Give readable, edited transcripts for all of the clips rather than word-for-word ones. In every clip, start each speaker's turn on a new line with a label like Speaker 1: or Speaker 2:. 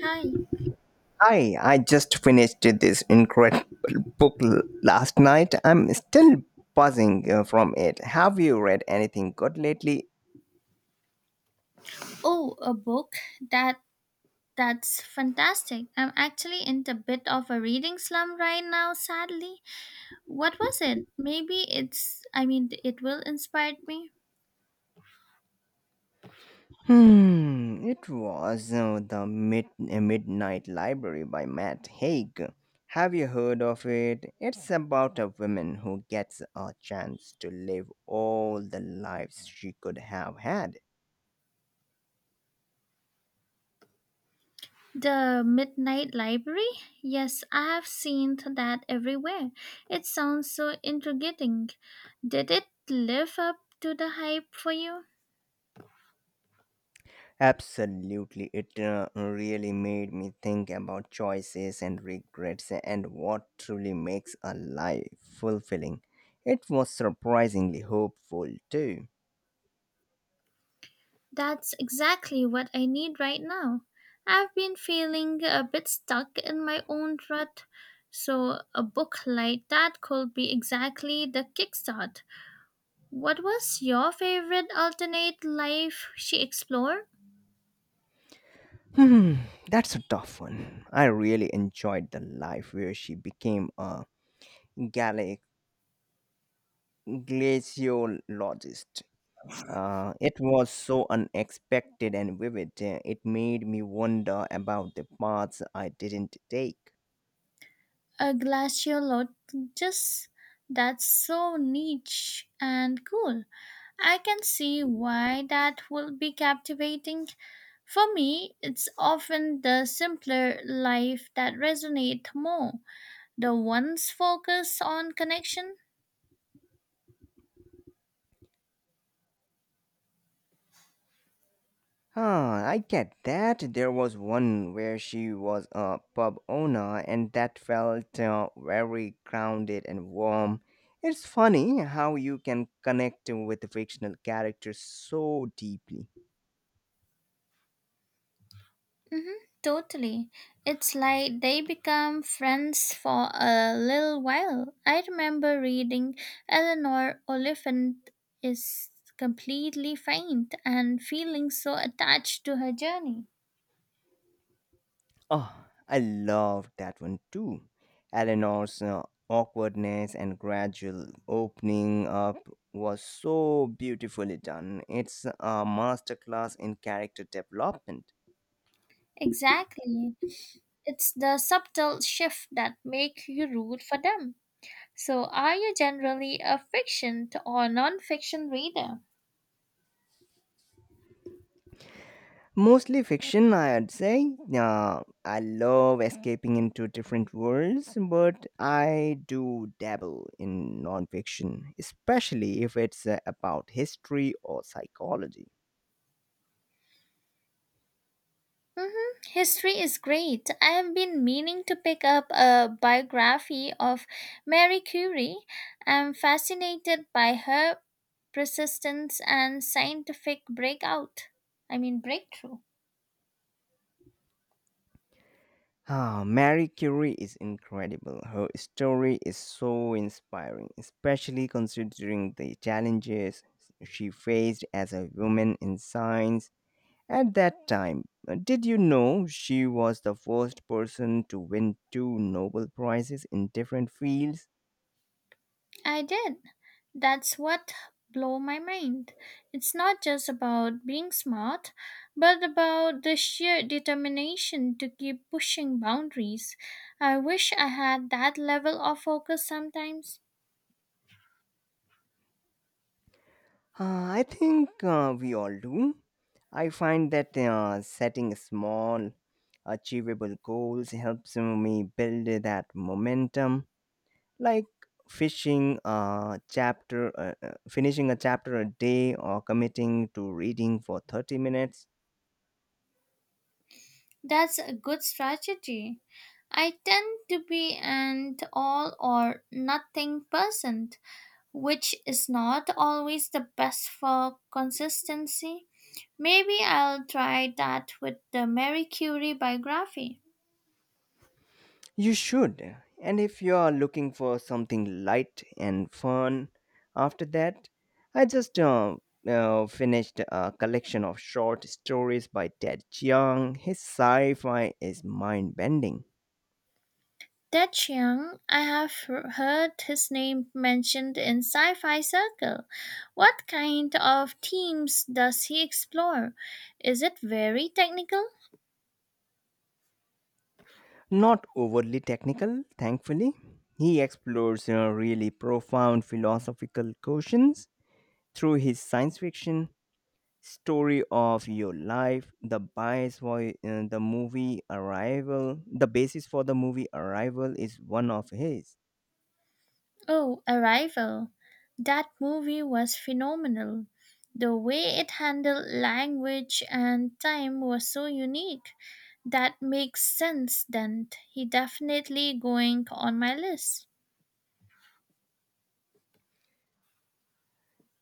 Speaker 1: Hi.
Speaker 2: Hi, I just finished this incredible book last night. I'm still buzzing from it. Have you read anything good lately?
Speaker 1: Oh, a book? That that's fantastic. I'm actually in a bit of a reading slump right now, sadly. What was it? Maybe it's I mean it will inspire me.
Speaker 2: It was Midnight Library by Matt Haig. Have you heard of it? It's about a woman who gets a chance to live all the lives she could have had.
Speaker 1: The Midnight Library? Yes, I have seen that everywhere. It sounds so intriguing. Did it live up to the hype for you?
Speaker 2: Absolutely, it really made me think about choices and regrets and what truly makes a life fulfilling. It was surprisingly hopeful too.
Speaker 1: That's exactly what I need right now. I've been feeling a bit stuck in my own rut, so a book like that could be exactly the kickstart. What was your favorite alternate life she explored?
Speaker 2: Hmm, that's a tough one. I really enjoyed the life where she became a gala- glaciologist. It was so unexpected and vivid, it made me wonder about the paths I didn't take.
Speaker 1: A glaciologist. That's so niche and cool. I can see why that would be captivating. For me, it's often the simpler life that resonates more. The ones focus on connection?
Speaker 2: Huh, I get that. There was one where she was a pub owner, and that felt very grounded and warm. It's funny how you can connect with fictional characters so deeply.
Speaker 1: Hmm, totally. It's like they become friends for a little while. I remember reading Eleanor Oliphant is completely faint and feeling so attached to her journey.
Speaker 2: Oh, I love that one too. Eleanor's awkwardness and gradual opening up was so beautifully done. It's a masterclass in character development.
Speaker 1: Exactly. It's the subtle shift that make you root for them. So are you generally a fiction or non-fiction reader?
Speaker 2: Mostly fiction, I'd say. I love escaping into different worlds, but I do dabble in nonfiction, especially if it's about history or psychology.
Speaker 1: Hmm, history is great. I have been meaning to pick up a biography of Marie Curie. I'm fascinated by her persistence and scientific breakthrough.
Speaker 2: Ah, Marie Curie is incredible. Her story is so inspiring, especially considering the challenges she faced as a woman in science at that time. Did you know she was the first person to win two Nobel Prizes in different fields?
Speaker 1: I did. That's what blew my mind. It's not just about being smart, but about the sheer determination to keep pushing boundaries. I wish I had that level of focus sometimes.
Speaker 2: Ah, I think we all do. I find that setting small, achievable goals helps me build that momentum, like fishing a chapter finishing a chapter a day or committing to reading for 30 minutes.
Speaker 1: That's a good strategy. I tend to be an all or nothing person, which is not always the best for consistency. Maybe I'll try that with the Marie Curie biography.
Speaker 2: You should. And if you are looking for something light and fun after that, I just finished a collection of short stories by Ted Chiang. His sci-fi is mind-bending.
Speaker 1: Ted Chiang, I have heard his name mentioned in sci fi circle. What kind of themes does he explore? Is it very technical?
Speaker 2: Not overly technical, thankfully. He explores really profound philosophical questions through his science fiction. Story of your life, the bias for the movie Arrival, the basis for the movie Arrival is one of his.
Speaker 1: Oh, Arrival. That movie was phenomenal. The way it handled language and time was so unique. That makes sense then. He definitely going on my list.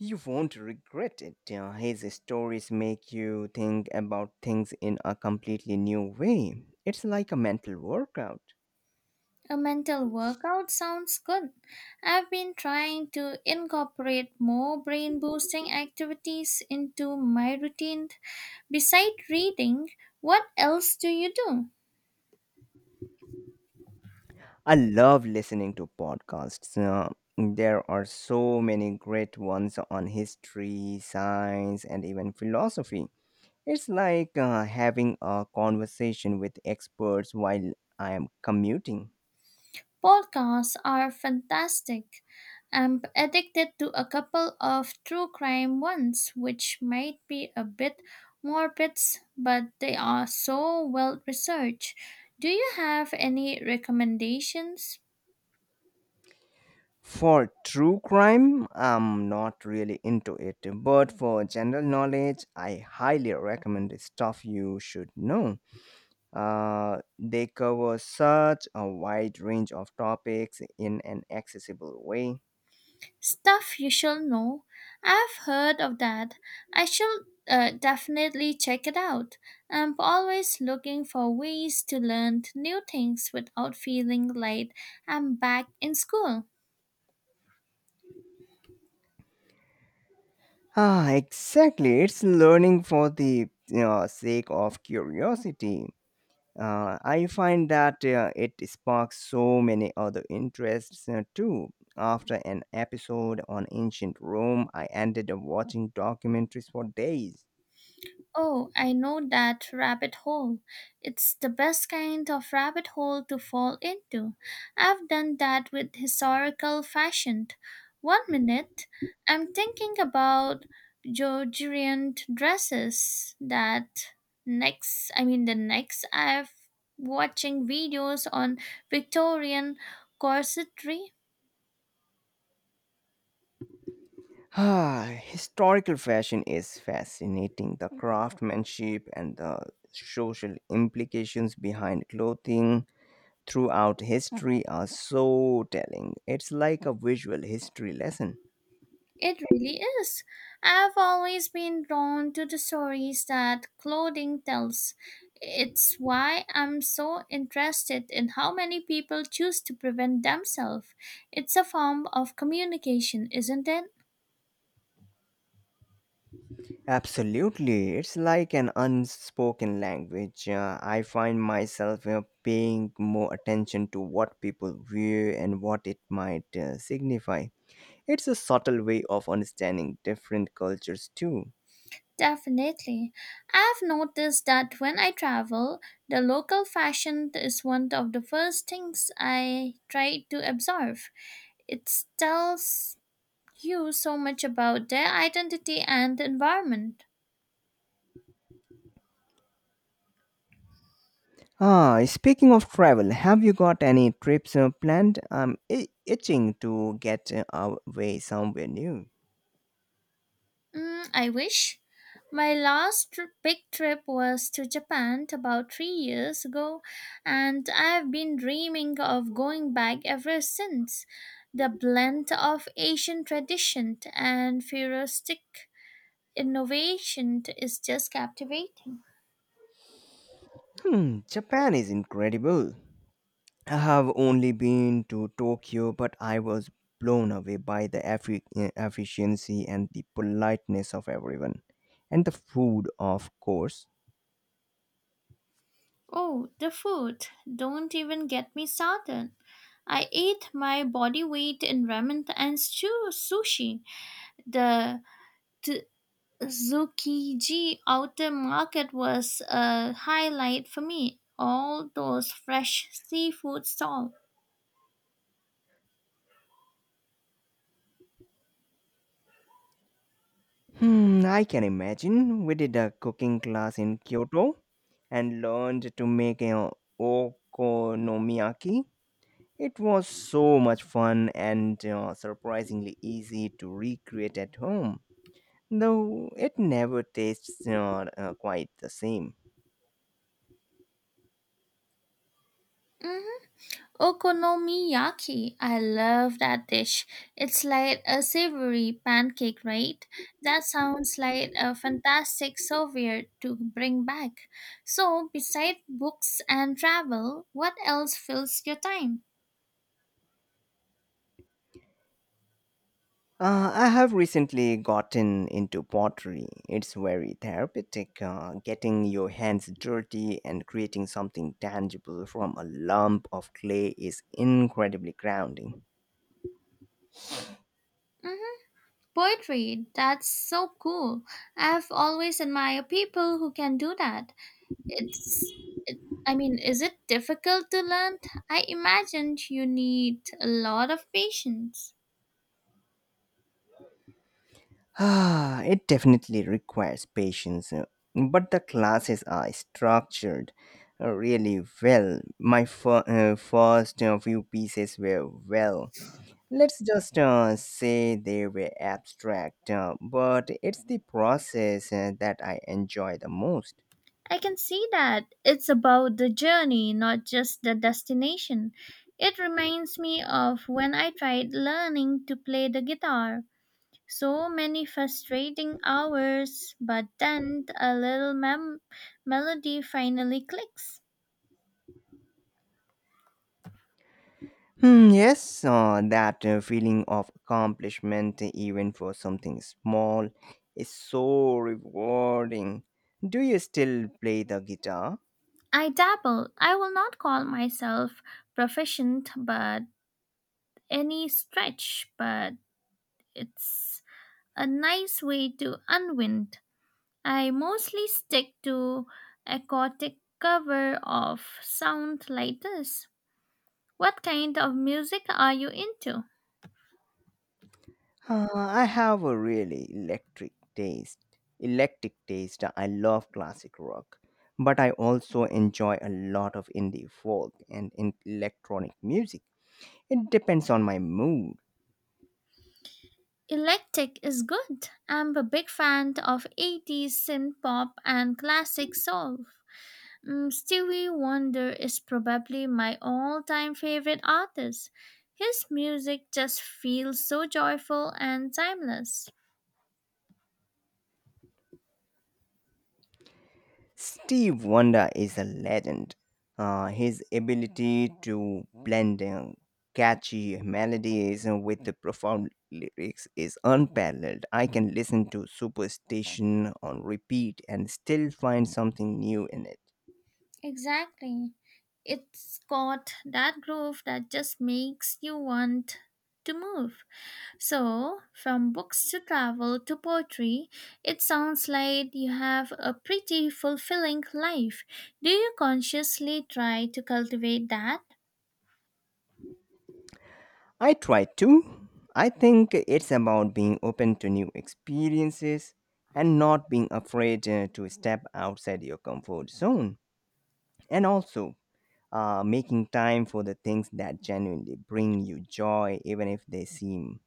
Speaker 2: You won't regret it. His stories make you think about things in a completely new way. It's like a mental workout.
Speaker 1: A mental workout sounds good. I've been trying to incorporate more brain boosting activities into my routine. Besides reading, what else do you do?
Speaker 2: I love listening to podcasts. There are so many great ones on history, science, and even philosophy. It's like having a conversation with experts while I am commuting.
Speaker 1: Podcasts are fantastic. I'm addicted to a couple of true crime ones, which might be a bit morbid, but they are so well researched. Do you have any recommendations?
Speaker 2: For true crime, I'm not really into it, but for general knowledge, I highly recommend the Stuff You Should Know. They cover such a wide range of topics in an accessible way.
Speaker 1: Stuff You Shall Know. I've heard of that. I shall definitely check it out. I'm always looking for ways to learn new things without feeling like I'm back in school.
Speaker 2: Ah, exactly. It's learning for the sake of curiosity. I find that it sparks so many other interests too. After an episode on ancient Rome, I ended up watching documentaries for days.
Speaker 1: Oh, I know that rabbit hole. It's the best kind of rabbit hole to fall into. I've done that with historical fashion. One minute, I'm thinking about Georgian dresses. That next, I mean, the next, I've watching videos on Victorian corsetry.
Speaker 2: Ah, historical fashion is fascinating. The craftsmanship and the social implications behind clothing throughout history are so telling. It's like a visual history lesson.
Speaker 1: It really is. I've always been drawn to the stories that clothing tells. It's why I'm so interested in how many people choose to prevent themselves. It's a form of communication, isn't it?
Speaker 2: Absolutely. It's like an unspoken language. I find myself paying more attention to what people wear and what it might signify. It's a subtle way of understanding different cultures, too.
Speaker 1: Definitely. I've noticed that when I travel, the local fashion is one of the first things I try to absorb. It tells you so much about their identity and environment.
Speaker 2: Ah, speaking of travel, have you got any trips planned? I'm itching to get away somewhere new.
Speaker 1: Mm, I wish. My big trip was to Japan about 3 years ago, and I've been dreaming of going back ever since. The blend of Asian tradition and futuristic innovation is just captivating.
Speaker 2: Hmm, Japan is incredible. I have only been to Tokyo, but I was blown away by the efficiency and the politeness of everyone. And the food, of course.
Speaker 1: Oh, the food! Don't even get me started. I ate my body weight in ramen and sushi. The Tsukiji outer market was a highlight for me. All those fresh seafood stalls.
Speaker 2: Hmm, I can imagine. We did a cooking class in Kyoto and learned to make an okonomiyaki. It was so much fun and surprisingly easy to recreate at home, though it never tastes quite the same.
Speaker 1: Hmm, okonomiyaki, I love that dish. It's like a savory pancake, right? That sounds like a fantastic souvenir to bring back. So, besides books and travel, what else fills your time?
Speaker 2: I have recently gotten into pottery. It's very therapeutic, getting your hands dirty and creating something tangible from a lump of clay is incredibly grounding.
Speaker 1: Hmm, poetry, that's so cool. I've always admired people who can do that. It's it, I mean, is it difficult to learn? I imagined you need a lot of patience.
Speaker 2: Ah, it definitely requires patience, but the classes are structured really well. My first few pieces were, well, let's just say they were abstract, but it's the process that I enjoy the most.
Speaker 1: I can see that. It's about the journey, not just the destination. It reminds me of when I tried learning to play the guitar. So many frustrating hours, but then a little mem- melody finally clicks.
Speaker 2: Hmm, yes, that feeling of accomplishment, even for something small, is so rewarding. Do you still play the guitar?
Speaker 1: I dabble. I will not call myself proficient, but any stretch, but it's a nice way to unwind. I mostly stick to aquatic cover of sound like this. What kind of music are you into?
Speaker 2: I have a really electric taste. I love classic rock, but I also enjoy a lot of indie folk and in electronic music. It depends on my mood.
Speaker 1: Electric is good. I'm a big fan of 80s synth pop and classic soul. Mm, Stevie Wonder is probably my all time favorite artist. His music just feels so joyful and timeless.
Speaker 2: Steve Wonder is a legend. His ability to blend catchy melodies with the profound lyrics is unparalleled. I can listen to Superstation on repeat and still find something new in it.
Speaker 1: Exactly. It's got that groove that just makes you want to move. So, from books to travel to poetry, it sounds like you have a pretty fulfilling life. Do you consciously try to cultivate that?
Speaker 2: I try to. I think it's about being open to new experiences and not being afraid to step outside your comfort zone. And also, making time for the things that genuinely bring you joy, even if they seem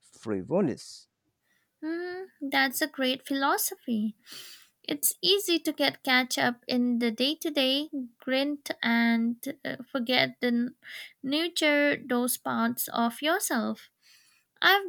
Speaker 2: frivolous.
Speaker 1: Hmm, that's a great philosophy. It's easy to get catch up in the day-to-day grind and forget nurture those parts of yourself. I've